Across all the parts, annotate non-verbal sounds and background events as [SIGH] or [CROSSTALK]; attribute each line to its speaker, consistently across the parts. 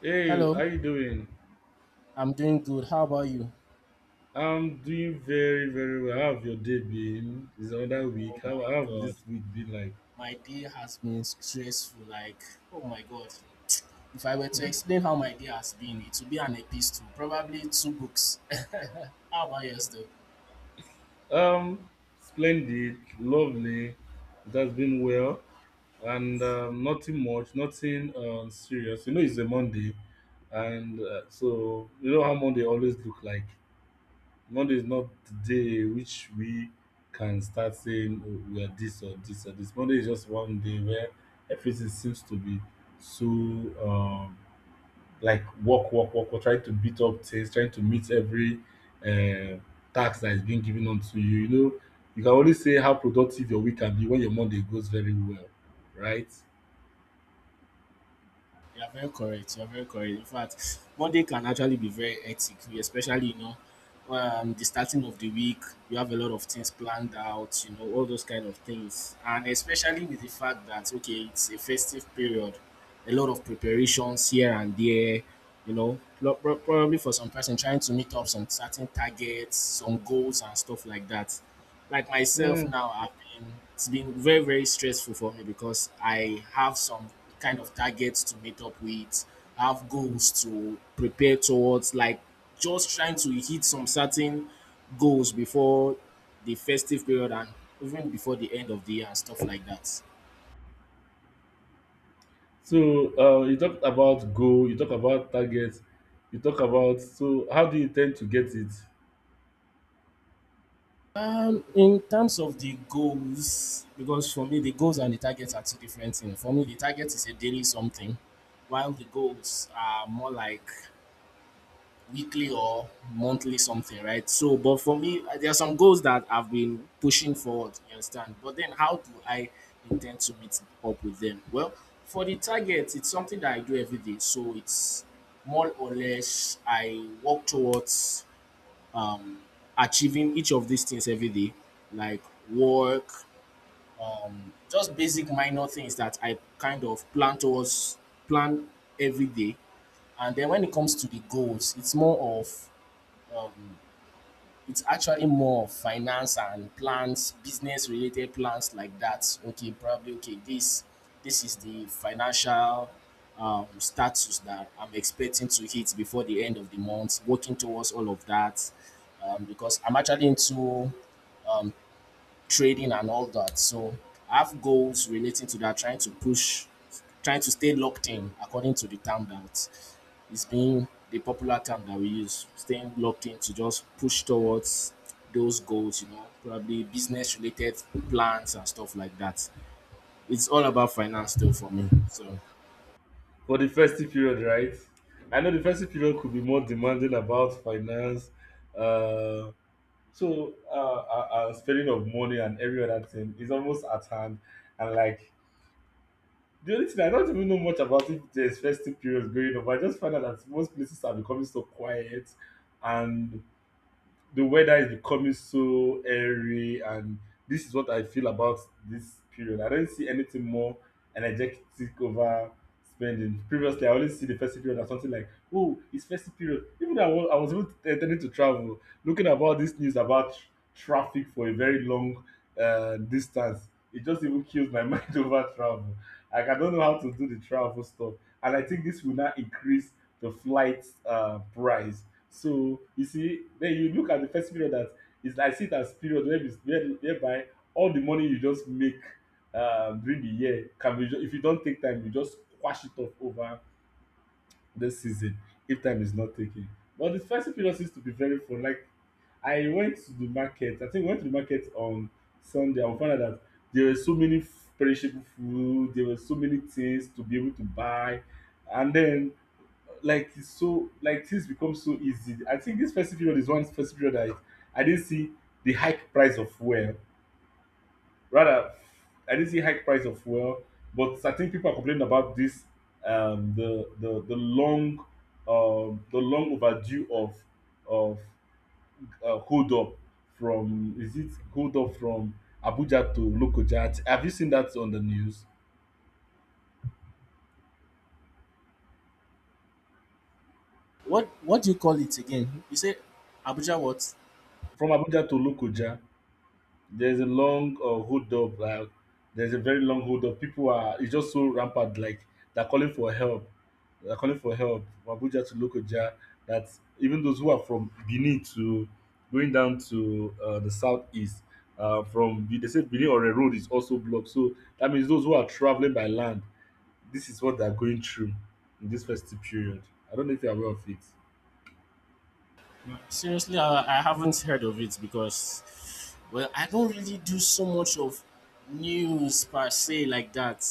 Speaker 1: Hey,
Speaker 2: Hello,
Speaker 1: how you doing?
Speaker 2: I'm doing good. How about you?
Speaker 1: I'm doing very, very well. How have your day been? It's another week.
Speaker 2: Oh
Speaker 1: How,
Speaker 2: my
Speaker 1: how have
Speaker 2: god,
Speaker 1: this week been
Speaker 2: my day has been stressful. Like, oh my god, if I were to
Speaker 1: like?
Speaker 2: explain how my day has been, it would be an epistle, probably two books. [LAUGHS] How about yours, though?
Speaker 1: Um, Splendid, lovely. It has been well, and nothing much, nothing serious. You know, it's a Monday, and so you know how Monday always look like. Monday is not the day which we can start saying, oh, we are this or this or this. Monday is just one day where everything seems to be so like work, work, work, work, trying to beat up things, trying to meet every uh, task that is being given onto you. You know, you can only say how productive your week can be when your Monday goes very well, right?
Speaker 2: You are very correct. You are very correct. In fact, Monday can actually be very hectic, especially the starting of the week. You have a lot of things planned out. All those kind of things, and especially with the fact that okay, it's a festive period, a lot of preparations here and there. you know, Probably for some person trying to meet up some certain targets, some goals and stuff like that. Like myself
Speaker 1: Mm.
Speaker 2: now, I've been it's been very stressful for me because I have some kind of targets to meet up with. I have goals to prepare towards, like just trying to hit some certain goals before the festive period and even before the end of the year and stuff like that.
Speaker 1: So you talked about goal, you talk about target, you talk about so how do you tend to get it?
Speaker 2: In terms of the goals, because for me the goals and the targets are two different things. For me, the target is a daily something, while the goals are more like weekly or monthly something, right? So, but for me, there are some goals that I've been pushing forward. You understand? But then, how do I intend to meet up with them? Well, for the target, it's something that I do every day, so it's more or less I work towards um, achieving each of these things every day, like work, just basic minor things that I kind of plan towards, plan every day. And then when it comes to the goals, it's more of um, it's actually more of finance and plans business related plans like that. Okay, probably okay, this is the financial status that I'm expecting to hit before the end of the month, working towards all of that. Because I'm actually into um, trading and all that, so I have goals relating to that, trying to push, trying to stay locked in according to the time that, it's been the popular term that we use, staying locked in to just push towards those goals, you know, probably business related plans and stuff like that. It's all about finance though for me. So
Speaker 1: For the festive period, right? I know the festive period could be more demanding about finance, uh, spending of money and every other thing is almost at hand. And like the only thing I don't even know much about if there's festive periods going on, but I just find out that most places are becoming so quiet and the weather is becoming so airy, and this is what I feel about this period. I don't see anything more energetic over spending. Previously, I only see the festive period as something like, oh, it's festive period. Even though I was even intending to travel, looking about this news about traffic for a very long distance, it just even kills my [LAUGHS] mind over travel. Like, I don't know how to do the travel stuff. And I think this will now increase the flight price. So you see den you look at de first period as is I see it as period where is where whereby all de money you just make during de year can be if you don take time you just squash it off over de season if time is not taken. But de festive period seems to be very fun. Like, I went to de market. I think we went to de market on Sunday, and we found out dat there were so many perishable food, there were so many things to be able to buy, and den like it's so like things become so easy. I think this first period is one first period that I didn't see the hike price of fuel. Rather, I didn't see hike price of fuel, but I think people are complaining about this the long the long overdue of hold up from is it hold up from Abuja to Lokoja. Have you seen that on the news?
Speaker 2: what do you call it again? You say Abuja what?
Speaker 1: From Abuja to Lokoja there's a long hold up. Like, there's a very long hold up. People are it's just so rampant. Like they're calling for help. They're calling for help from Abuja to Lokoja. That even those who are from Benin to going down to the southeast, from they said Benin or a road is also blocked. So that means those who are traveling by land, this is what they're going through in this festive period. I don't know if you're aware of it.
Speaker 2: Seriously, I haven't heard of it because, well, I don't really do so much of news per se like that.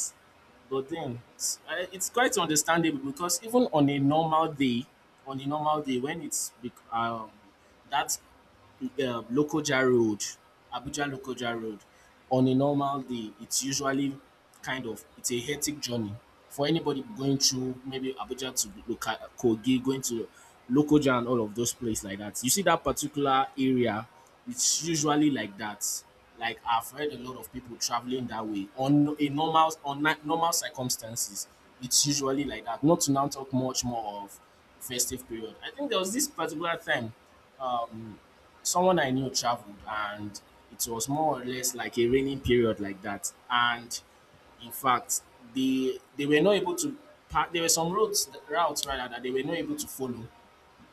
Speaker 2: But then it's, it's quite understandable because even on a normal day, on a normal day when it's bec- that Lokoja Road, Abuja Lokoja Road, on a normal day, it's usually kind of, it's a hectic journey for anybody going through maybe Abuja to Kogi, going to Lokoja and all of those places like that. You see that particular area, it's usually like that. Like I've heard a lot of people traveling that way on a normal, on normal circumstances. It's usually like that. Not to now talk much more of festive period. I think there was this particular time. Um, Someone I knew traveled and it was more or less like a raining period like that. And in fact, they were not able to there were some roads, routes rather, that they were not able to follow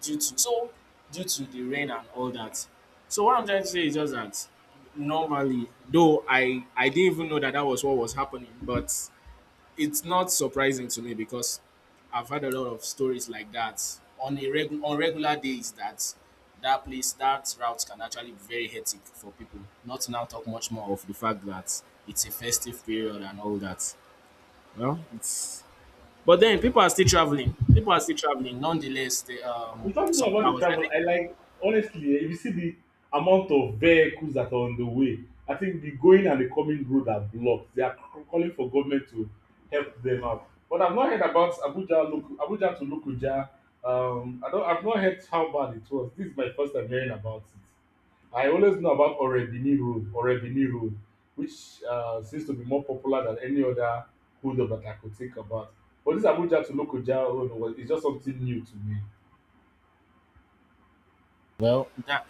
Speaker 2: due to so due to the rain and all that. So what I'm trying to say is just that normally though, I didn't even know that that was what was happening, but it's not surprising to me because I've had a lot of stories like that on a on regular days, that that place, that route can actually be very hectic for people. Not to now talk much more of the fact that it's a festive period and all that. Well, it's but then people are still traveling. People are still traveling. Nonetheless, they,
Speaker 1: We're talking
Speaker 2: some
Speaker 1: about
Speaker 2: I
Speaker 1: the
Speaker 2: was I
Speaker 1: travel.
Speaker 2: think.
Speaker 1: I like honestly, eh, if you see the amount of vehicles that are on the way, I think the going and the coming road are blocked. They are calling for government to help them out. But I've not heard about Abuja to Lokoja. I don't. I've not heard how bad it was. This is my first time hearing about it. I always know about Orebini Road, Orebini Road, which seems to be more popular than any other hold up that I could think about. But this Abuja to Lokoja road was it's just something new to me.
Speaker 2: Well, that,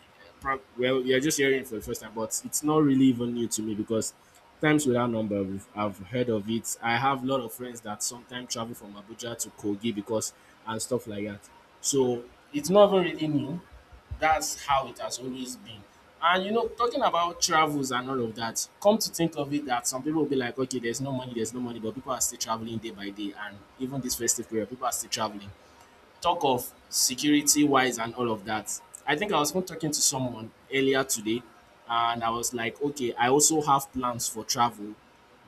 Speaker 2: well, you're just hearing it for the first time, but it's not really even new to me because times without number, I've heard of it. I have a lot of friends that sometimes travel from Abuja to Kogi because and stuff like that. So it's not even really new. That's how it has always been. And you know, talking about travels and all of that, come to think of it, that some people will be like, okay, there's no money, but people are still traveling day by day, and even this festive period, people are still traveling, talk of security wise and all of that. I think I was even talking to someone earlier today, and I was like, okay, I also have plans for travel.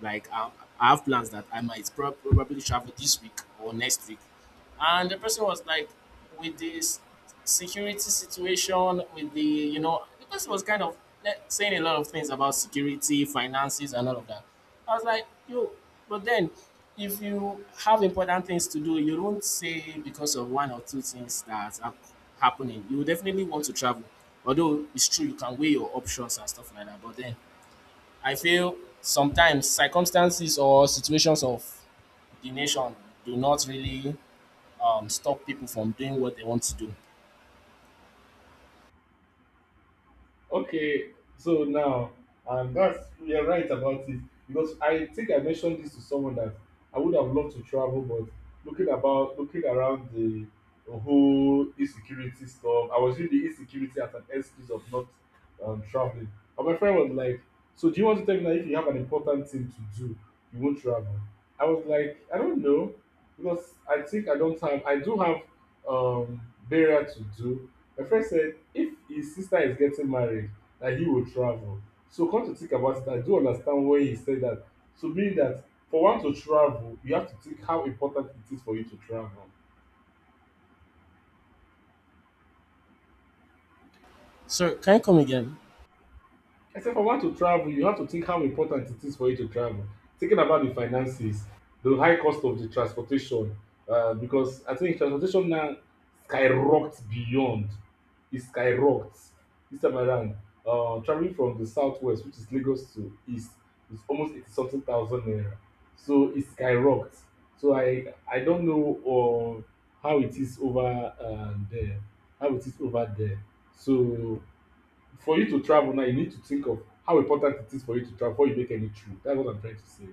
Speaker 2: Like, I have plans that I might probably travel this week or next week. And the person was like, with this security situation, with the, you know, the person was kind of like, saying a lot of things about security, finances, and all of that. I was like, yo, but then if you have important things to do, you don't say because of one or two things that are happening. You definitely want to travel. Although it's true, you can weigh your options and stuff like that. But then I feel sometimes circumstances or situations of the nation do not really stop people from doing what they want to do.
Speaker 1: Okay, so now, and that's you're right about it because I think I mentioned this to someone that I would have loved to travel, but looking around the whole insecurity stuff, I was using the insecurity as an excuse of not traveling. And my friend was like, "So do you want to tell me that if you have an important thing to do, you won't travel?" I was like, "I don't know, because I think I don't have. I do have um, burial to do. My friend said if his sister is getting married, that he will travel. So come to think about it, I do understand why he said that. So meaning that for one to travel, you have to think how important it is for you to travel.
Speaker 2: So, can you come again?
Speaker 1: I said, if I want to travel, you have to think how important it is for you to travel. Thinking about the finances, the high cost of the transportation, because I think transportation now skyrocked beyond. It skyrocked this time around. Traveling from the southwest, which is Lagos to east, is almost 80 something thousand naira. So it skyrocked. So I don't know uh, how it is over uh, there, how it is over there. So for you to travel now, you need to think of how important it is for you to travel before you make any trip. That's what I'm trying to say.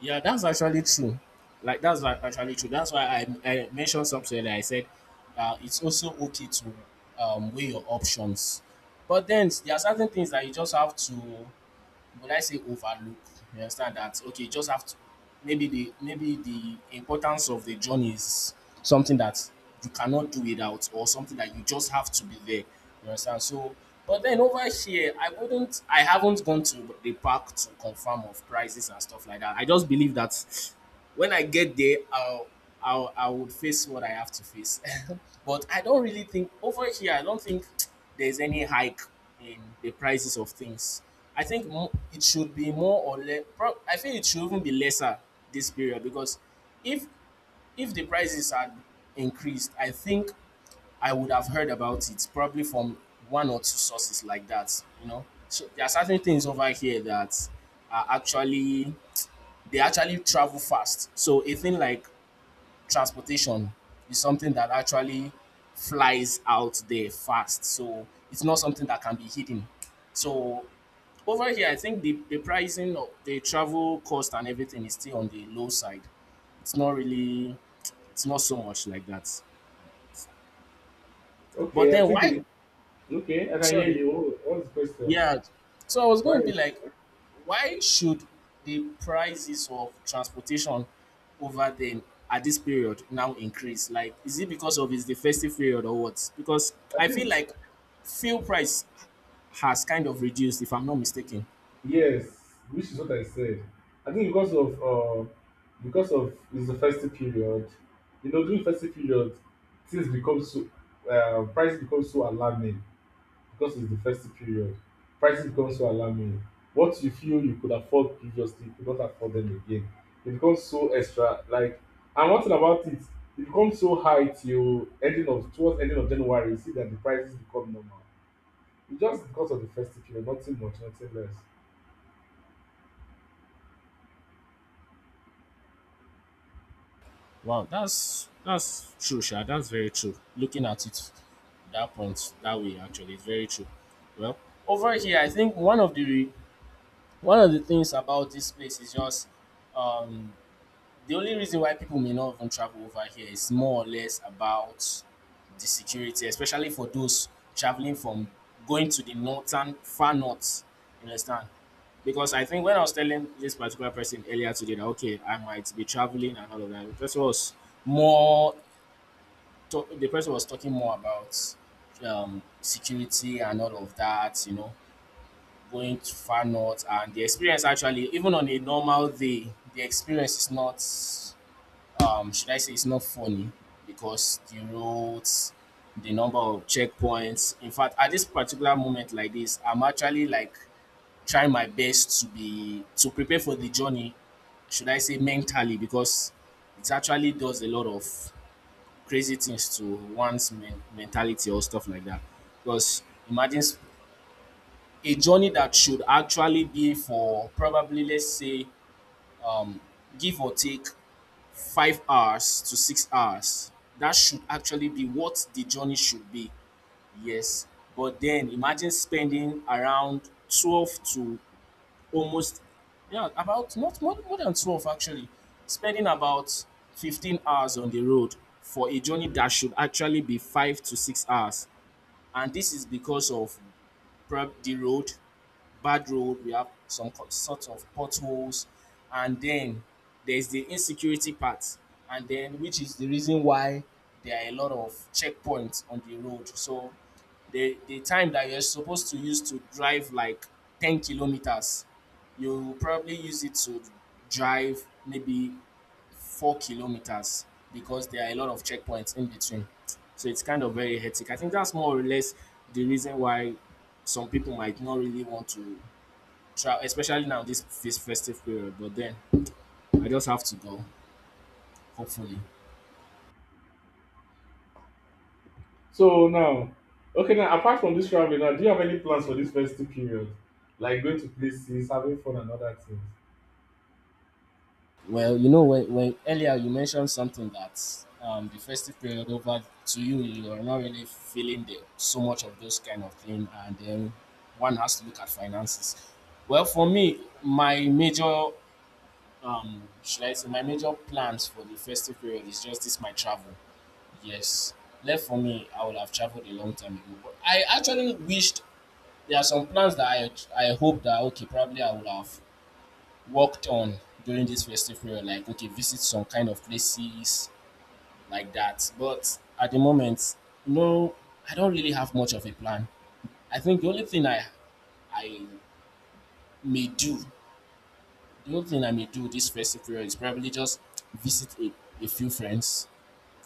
Speaker 2: Yeah, that's actually true. Like that's actually true. That's why I mentioned something that I said it's also okay to weigh your options. But then there are certain things that you just have to, would I say, overlook? You understand that? Okay, you just have to, maybe the, maybe the importance of the journey is something that you cannot do without or something that you just have to be there. You understand? So but then over here I wouldn't, I haven't gone to the park to confirm of prices and stuff like that. I just believe that when I get there I'll I would face what I have to face. [LAUGHS] But I don't really think over here, I don't think there's any hike in the prices of things. I think it should be more or less. I think it should even be lesser this period because if if the prices had increased, I think I would have heard about it probably from one or two sources like that. You know, so there are certain things over here that are actually, they actually travel fast. So a thing like transportation is something that actually flies out there fast. So it's not something that can be hidden. So over here, I think the pricing of the travel cost and everything is still on the low side. It's not really, it's not so much like that. But
Speaker 1: Okay, I
Speaker 2: then
Speaker 1: think
Speaker 2: why?
Speaker 1: it's okay. I can hear
Speaker 2: Sorry.
Speaker 1: you. What's the question?
Speaker 2: Yeah. So I was
Speaker 1: Why?
Speaker 2: going to be like, why should the prices of transportation over them at this period now increase? Like, is it because of, it's the festive period or what? Because
Speaker 1: I
Speaker 2: I feel
Speaker 1: think
Speaker 2: like fuel price has kind of reduced, if I'm not mistaken.
Speaker 1: yes, which is what I said. I think because of it's the festive period. You know, during festive period, things become so price becomes so alarming. Because it's the festive period. Prices become so alarming. What you feel you could afford previously, you could not afford them again. It becomes so extra. Like, and one thing about it, it becomes so high till ending of towards ending of January. You see that the prices become normal. It's just because of the festive period, nothing much, nothing less.
Speaker 2: Wow, that's true, Sha. That's very true. Looking at it that point that way actually, it's very true. Well, over here I think one of the, one of the things about this place is just um the only reason why people may not even travel over here is more or less about the security, especially for those traveling from, going to the northern, far north. You understand? Because I think when I was telling this particular person earlier today that okay, I might be traveling and all of that, the person was more, so the person was talking more about security and all of that, you know, going to far north, and the experience actually, even on a normal day, the experience is not, should I say, it's not funny because the roads, the number of checkpoints. In fact, at this particular moment like this, I'm actually like trying my best to be, to prepare for the journey, should I say mentally, because it actually does a lot of crazy things to one's mentality or stuff like that. Because imagine a journey that should actually be for probably, let's say, um, give or take, 5 hours to 6 hours. That should actually be what the journey should be. Yes, but then imagine spending around 12 to almost yeah about not more, more than 12 actually spending about 15 hours on the road for a journey that should actually be 5 to 6 hours, and this is because of the road, bad road, we have some sort of potholes, and then there's the insecurity part, and then, which is the reason why there are a lot of checkpoints on the road. So the time that you're supposed to use to drive like 10 kilometers, you probably use it to drive maybe 4 kilometers because there are a lot of checkpoints in between. So it's kind of very hectic. I think that's more or less the reason why some people might not really want to especially now this festive period. But then I just have to go. Hopefully.
Speaker 1: So now, okay, now apart from this traveling, now do you have any plans for this festive period? Like going to places, having fun, and other things.
Speaker 2: Well, you know, when earlier you mentioned something that the festive period over to you, you are not really feeling the, so much of those kind of thing, and then one has to look at finances. Well, for me, my major should I say my major plans for the festive period is just this my travel. Yes, left for me, I would have traveled a long time ago. But I actually wished there are some plans that I hope that okay, probably I would have worked on during this festive period, like okay, visit some kind of places like that. But at the moment, no, I don't really have much of a plan. I think the only thing I may do, the only thing I may do this festive period is probably just visit a few friends,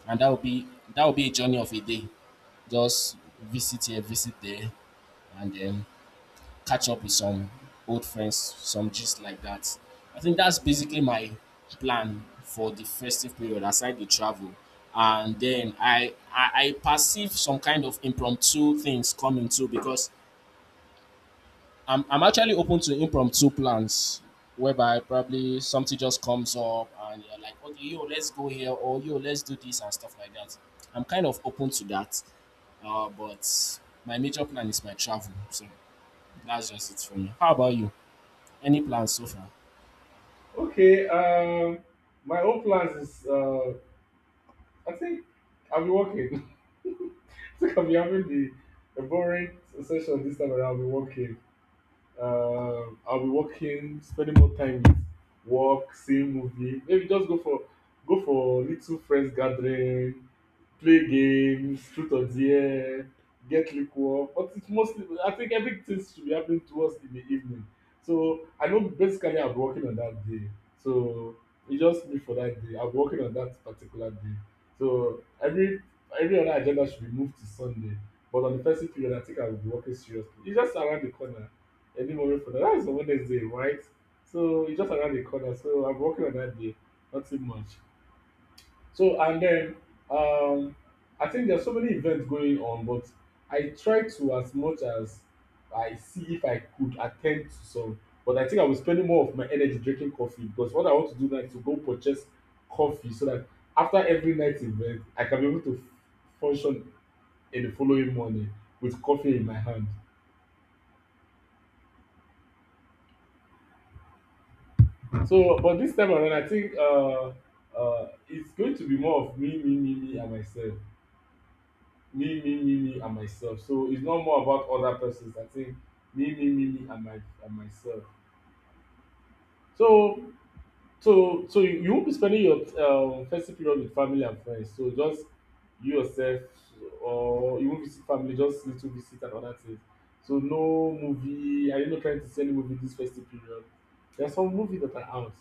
Speaker 2: and that will be a journey of a day. Just visit here, visit there, and then catch up with some old friends, some gist like that. I think that's basically my plan for the festive period aside the travel. And then I perceive some kind of impromptu things coming too because I'm actually open to impromptu plans whereby probably something just comes up and you're like, okay, yo, let's go here or yo, let's do this and stuff like that. I'm kind of open to that. But my major plan is my travel. So that's just it for me. How about you? Any plans so far?
Speaker 1: Okay, my own plans is I think I'll be working. [LAUGHS] I think I'll be having the a boring session this time around. I'll be working. I'll be working, spending more time with work, seeing movie. Maybe just go for little friends gathering, play games, truth or dare, get liquor. But it's mostly, I think everything should be happening towards in the evening. So I know basically I'm working on that day. So it's just me for that day. I'm working on that particular day. So every other agenda should be moved to Sunday. But on the festive period, I think I will be working seriously. It's just around the corner. Any moment for that. That is on Wednesday, right? So it's just around the corner. So I'm working on that day. Not too much. So and then um, I think there's so many events going on, but I try to as much as I see if I could attend to some. But I think I was spending more of my energy drinking coffee because what I want to do now is to go purchase coffee so that after every night's event, I can be able to function in the following morning with coffee in my hand. So, but this time around, I think it's going to be more of me, me, me, me, and myself. Me me me me and myself, so it's not more about other persons. I think me me me me and my and myself. So so so you won't be spending your festive period with family and friends, so just you yourself, or you won't visit family, just little visit and other things? So no movie? Are you not trying to see any movie this festive period? There's some movies that are out.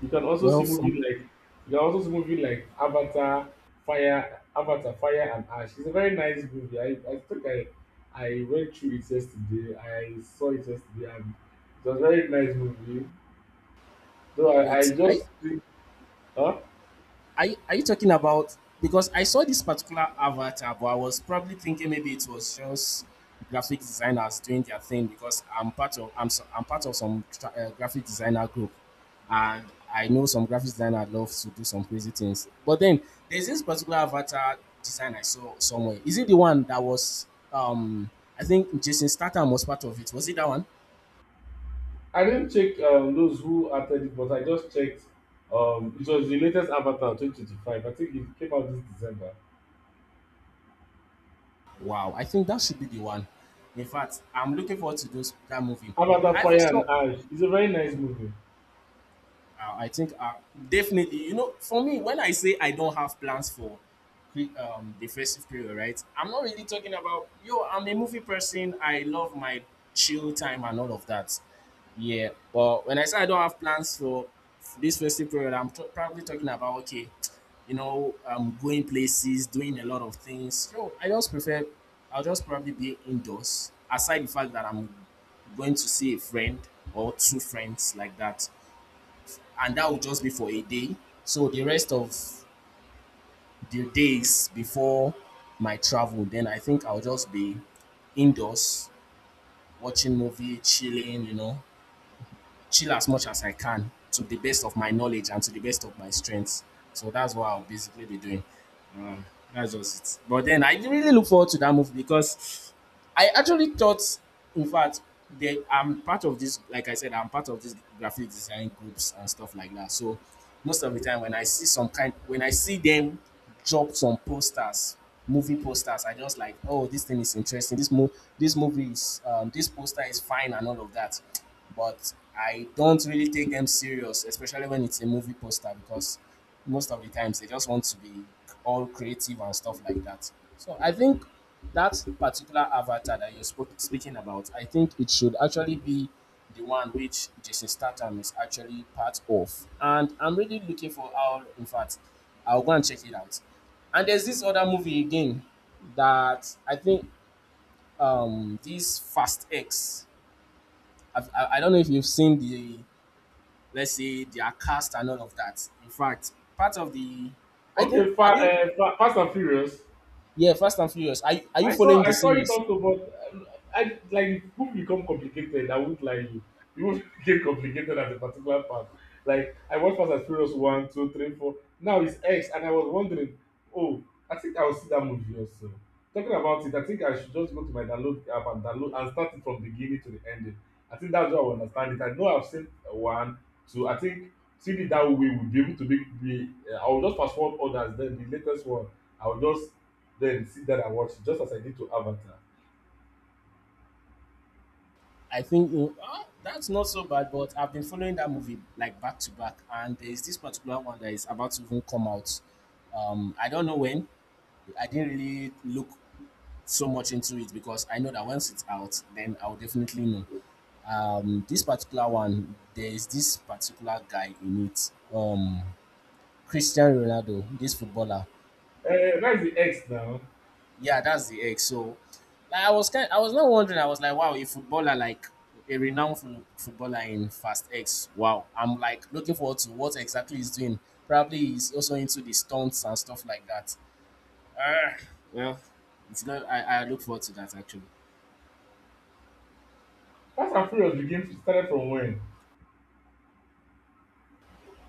Speaker 1: You can also
Speaker 2: Well,
Speaker 1: see
Speaker 2: for
Speaker 1: movies like Avatar, Fire, Avatar, Fire and Ash. It's a very nice movie. I think I went through it yesterday. I saw it yesterday and it was a very nice movie. Though I
Speaker 2: wait, are you,
Speaker 1: just think huh?
Speaker 2: are you talking about? Because I saw this particular avatar, but I was probably thinking maybe it was just graphic designers doing their thing because I'm part of I'm I'm part of some graphic designer group, and I know some graphic designer love to do some crazy things. But then there's this particular avatar design I saw somewhere. Is it the one that was um I think Jason Statham was part of it? Was it that one?
Speaker 1: I didn't check those who acted it, but I just checked it was the latest Avatar 2025. I think it came out this December.
Speaker 2: Wow, I think that should be the one. In fact, I'm looking forward to those that movie.
Speaker 1: Avatar
Speaker 2: I even
Speaker 1: Fire and
Speaker 2: saw
Speaker 1: Ash. It's a very nice movie.
Speaker 2: I think definitely, you know, for me, when I say I don't have plans for the festive period, right? I'm not really talking about, yo, I'm a movie person. I love my chill time and all of that. Yeah. But when I say I don't have plans for this festive period, probably talking about, okay, you know, going places, doing a lot of things. Yo, I just prefer, I'll just probably be indoors, aside the fact that I'm going to see a friend or two friends like that and that would just be for a day. So the rest of the days before my travel, then I think I'll just be indoors watching movie, chilling, you know, chill as much as I can to the best of my knowledge and to the best of my strengths. So that's what I'll basically be doing. Um, that's just it. But then I really look forward to that movie because I actually thought, in fact, they I'm part of this. Like I said, I'm part of this graphic design groups and stuff like that. So most of the time, when I see some kind, when I see them drop some posters, movie posters, I just like, oh, this thing is interesting. This movie is, this poster is fine and all of that. But I don't really take them serious, especially when it's a movie poster, because most of the times they just want to be all creative and stuff like that. So I think that particular avatar that you're spoke speaking about, I think it should actually be the one which Jason Statham is actually part of. And I'm really looking for how, in fact, I'll go and check it out. And there's this other movie again that I think this Fast X. I don't know if you've seen the let's say their cast and all of that. In fact, part of the I think
Speaker 1: Okay,
Speaker 2: are you
Speaker 1: Fast and Furious.
Speaker 2: yeah, Fast and Furious. Are you following
Speaker 1: I
Speaker 2: the
Speaker 1: saw it
Speaker 2: series?
Speaker 1: also, but I like the book become complicated. I won't lie you. The book became [LAUGHS] complicated at a particular part. Like I watched Fast and Furious one, two, three, four. Now it's X, and I was wondering, oh, I think I will see that movie also. Talking about it, I think I should just go to my download app and download and start it from the beginning to the ending. I think that's how I will understand it. I know I've seen one, two. I think seeing it that way would be able to make me. I will just fast forward others. Then the latest one, I will just then sit down and watch it, just as I did to Avatar.
Speaker 2: I think you- ah, that's not so bad, but I've been following that movie like back to back, and there is this particular one that is about to even come out. I don't know when. I didn't really look so much into it because I know that once it's out, then I'll definitely know. This particular one, there is this particular guy in it. Christian Ronaldo, this footballer
Speaker 1: Where is the X now?
Speaker 2: yeah, that's the egg. So, like, I was kind, I was not wondering. I was like, wow, a footballer, like a renowned footballer in Fast X. Wow, I'm like looking forward to what exactly he's doing. Probably he's also into the stunts and stuff like that. Ah, well, it's not. I look forward to that actually.
Speaker 1: Fast and Furious began started from when?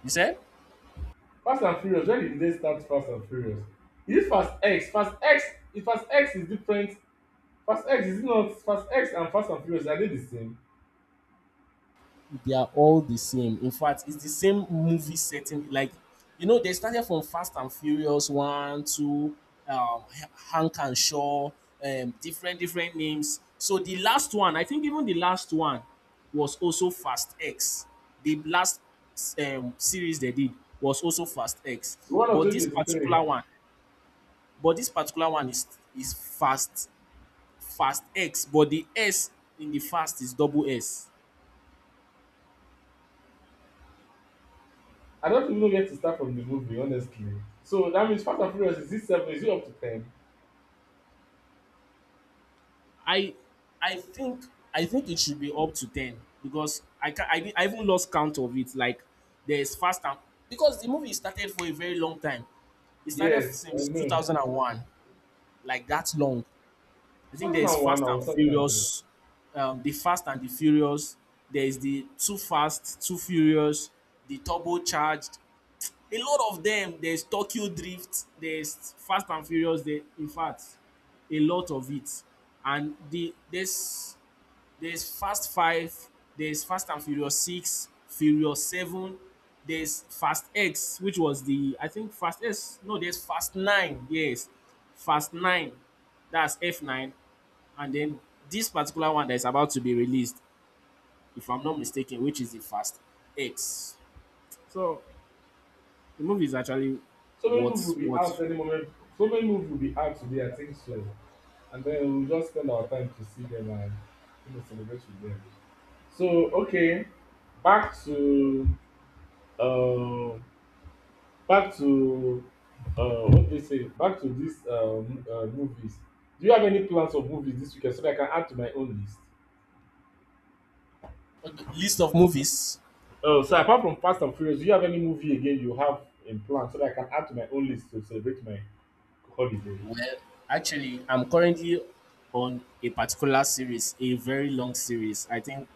Speaker 2: You said?
Speaker 1: Fast and Furious, when did they start Fast and Furious? Is it Fast X? Fast X, if Fast X is different. Fast X, is it not Fast X and Fast and Furious are they the same?
Speaker 2: They are all the same. In fact, it's the same movie setting. Like, you know, they started from Fast and Furious one, two, Hank and Shaw, different different names. So the last one, I think even the last one was also Fast X. The last series they did was also Fast X.
Speaker 1: The one of
Speaker 2: But this
Speaker 1: 2023.
Speaker 2: particular one, but this particular one is is Fast X. But the S in the Fast is double S.
Speaker 1: I don't even know where to start from the movie, honestly. So that means Fast and Furious, is it seven? Is it up to ten?
Speaker 2: I I think I think it should be up to ten because I can I even lost count of it. Like there's fast and because the movie started for a very long time. It started
Speaker 1: Yes, I
Speaker 2: since two
Speaker 1: know.
Speaker 2: thousand and one, like that long. I think there is
Speaker 1: 2001
Speaker 2: Fast and
Speaker 1: or 2003.
Speaker 2: Furious, the Fast and the Furious. There is the Too Fast, Too Furious, the Turbocharged. A lot of them. There's Tokyo Drift. There's Fast and Furious. There, in fact, a lot of it and there's Fast Five, there's Fast and Furious Six, Furious Seven, there's Fast X, which was the I think Fast X. No, there's Fast Nine. Yes, Fast Nine. That's F nine, and then this particular one that is about to be released, if I'm not mistaken, which is the Fast X. So the movie is actually
Speaker 1: So many movies will be out
Speaker 2: what
Speaker 1: any moment. So many movies will be out today, I think so, and then we just spend our time to see them and, you know, celebrate with them. So okay, back to uh, back to what they say. Back to these movies. Do you have any plans of movies this weekend so that I can add to my own list?
Speaker 2: okay, list of movies
Speaker 1: Oh, so apart from Fast and Furious, do you have any movie again you have in plan so that I can add to my own list to celebrate my holiday?
Speaker 2: well, actually, I'm currently on a particular series, a very long series. I think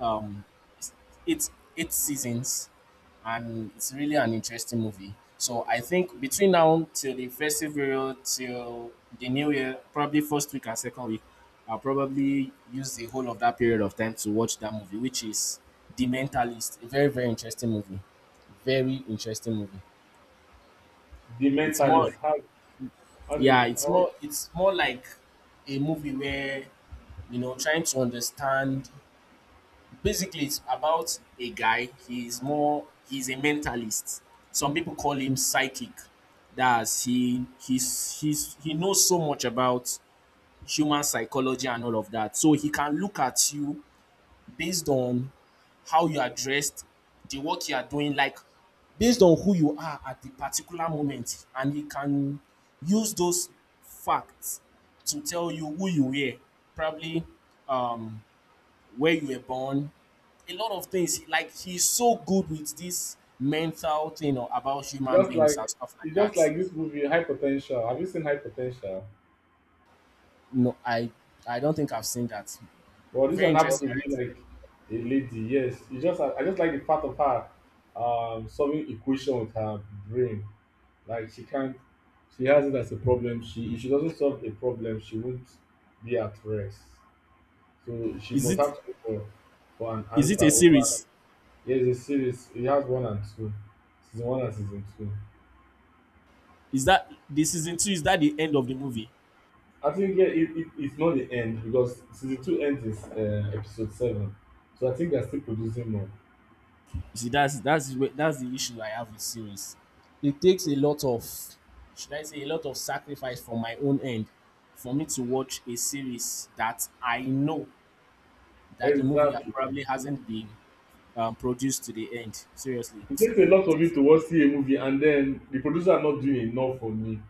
Speaker 2: um, it's it's 8 seasons, and it's really an interesting movie. So I think between now till the festive period, till the new year, probably first week and second week, I'll probably use the whole of that period of time to watch that movie, which is The Mentalist. A very very interesting movie. Very interesting movie.
Speaker 1: The
Speaker 2: It's more
Speaker 1: Mentalist. How? How do
Speaker 2: yeah,
Speaker 1: you? How,
Speaker 2: it's more like a movie where you know trying to understand. Basically, it's about a guy. He's a mentalist. Some people call him psychic. That's he he's he knows so much about human psychology and all of that. So he can look at you based on how you are dressed, the work you are doing, like based on who you are at the particular moment, and he can use those facts to tell you who you were, probably um, where you were born, a lot of things. Like he's so good with this mental thing or about human
Speaker 1: just
Speaker 2: beings
Speaker 1: like,
Speaker 2: and stuff like
Speaker 1: it's just
Speaker 2: that.
Speaker 1: like this movie, High Potential. Have you seen High Potential?
Speaker 2: No, I don't think I've seen that.
Speaker 1: Well, this
Speaker 2: Very
Speaker 1: one happens
Speaker 2: interesting,
Speaker 1: to be
Speaker 2: right?
Speaker 1: like a lady. Yes, it's just I just like the part of her solving equation with her brain. Like she can't, she has it as a problem. She, if she doesn't solve a problem, she won't be at rest. So she
Speaker 2: Is
Speaker 1: must
Speaker 2: it
Speaker 1: have to look for an
Speaker 2: is
Speaker 1: answer
Speaker 2: it a
Speaker 1: over.
Speaker 2: series?
Speaker 1: Yes, a series. It has one and two, season one and season two.
Speaker 2: Is that the season two? Is that the end of the movie?
Speaker 1: I think yeah, it's not the end because season two ends is episode seven. So I think they're still producing more.
Speaker 2: You see, that's the issue I have with series. It takes a lot of, should I say, a lot of sacrifice from my own end for me to watch a series that I know that the movie
Speaker 1: Exactly.
Speaker 2: probably hasn't been produced to the end. Seriously, [TSK]
Speaker 1: It
Speaker 2: it
Speaker 1: takes a lot of you
Speaker 2: takes
Speaker 1: to want see a movie and then the producer are not doing enough for me.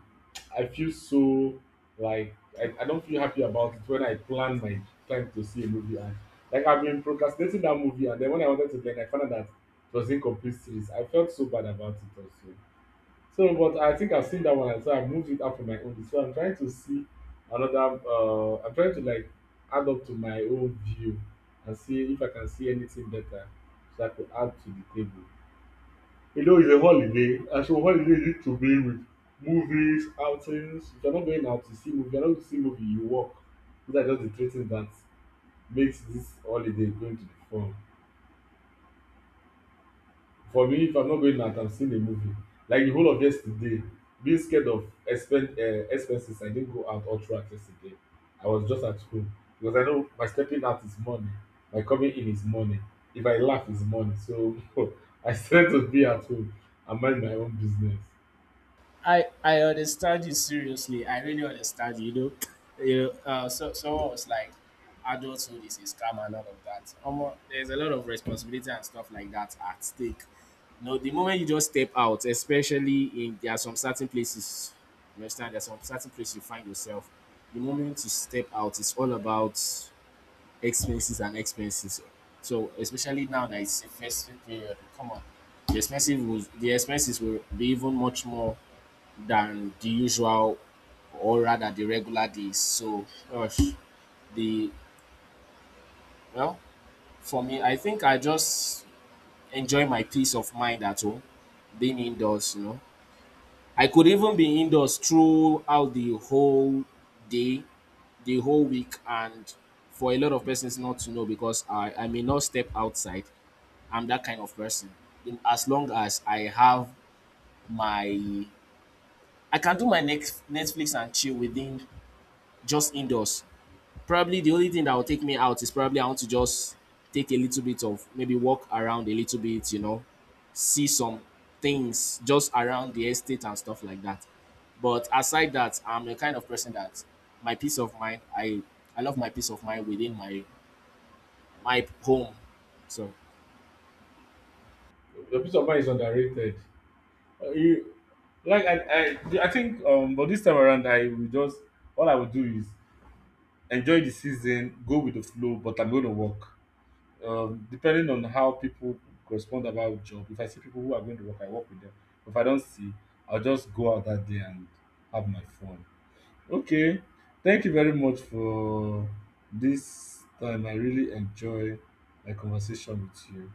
Speaker 1: I feel so, like, I don't feel happy about it when I plan my time to see a movie and, like, I've been procrastinating that movie and then when I wanted to, like, I found out that it was incomplete series. I felt so bad about it also. So but I think I've seen that one and so I moved it up on my own list. So I'm trying to see another I'm trying to, like, add up to my own view and see if I can see anything better so I could add to the table, you know, it's a holiday, and so holiday need to be with movies, outings. If you're not going out to see movie, you're not going to see movie, you work. These are just the three things that makes this holiday going to be fun. For me, if I'm not going out, I'm seeing a movie. Like the whole of yesterday, being scared of expenses, I didn't go out all throughout yesterday. I was just at home because I know my stepping out is money, my coming in is money. If I laugh, it's money. So [LAUGHS] I started to be at home and mind my own business.
Speaker 2: I understand you seriously. I really understand you. You know, [LAUGHS] [TSK] you know. So someone was like, adulthood is a scam and all of that. Omo, there's a lot of responsibility and stuff like that at stake. You know, the moment you just step out, especially in there are some certain places. You understand? There's some certain place you find yourself. The moment you step out, it's all about expenses and expenses. So especially now that it's a festive period, come on, the expenses will be even much more than the usual or rather the regular days. So, gosh, the well, for me, I think I just enjoy my peace of mind at home, being indoors, you know. I could even be indoors throughout the whole day, the whole week, and for a lot of persons not to know because I may not step outside. I'm that kind of person. As long as I have my I can do my next Netflix and chill within just indoors probably the only thing that will take me out is probably I want to just take a little bit of maybe walk around a little bit, you know, see some things just around the estate and stuff like that. But aside that, I'm the kind of person that my peace of mind, I love my peace of mind within my my home. So
Speaker 1: The peace of mind is underrated. You, like I, I, I think but this time around I will just, all I will do is enjoy the season, go with the flow, but I'm going to work. Depending on how people correspond about job. If I see people who are going to work, I work with them. If I don't see, I'll just go out that day and have my fun. Okay, thank you very much for this time. I really enjoy my conversation with you.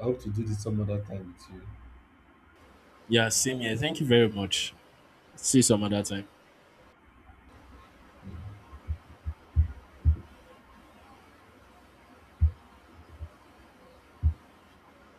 Speaker 1: I hope to do this some other time with you.
Speaker 2: yeah, same here. Thank you very much. See you some other time.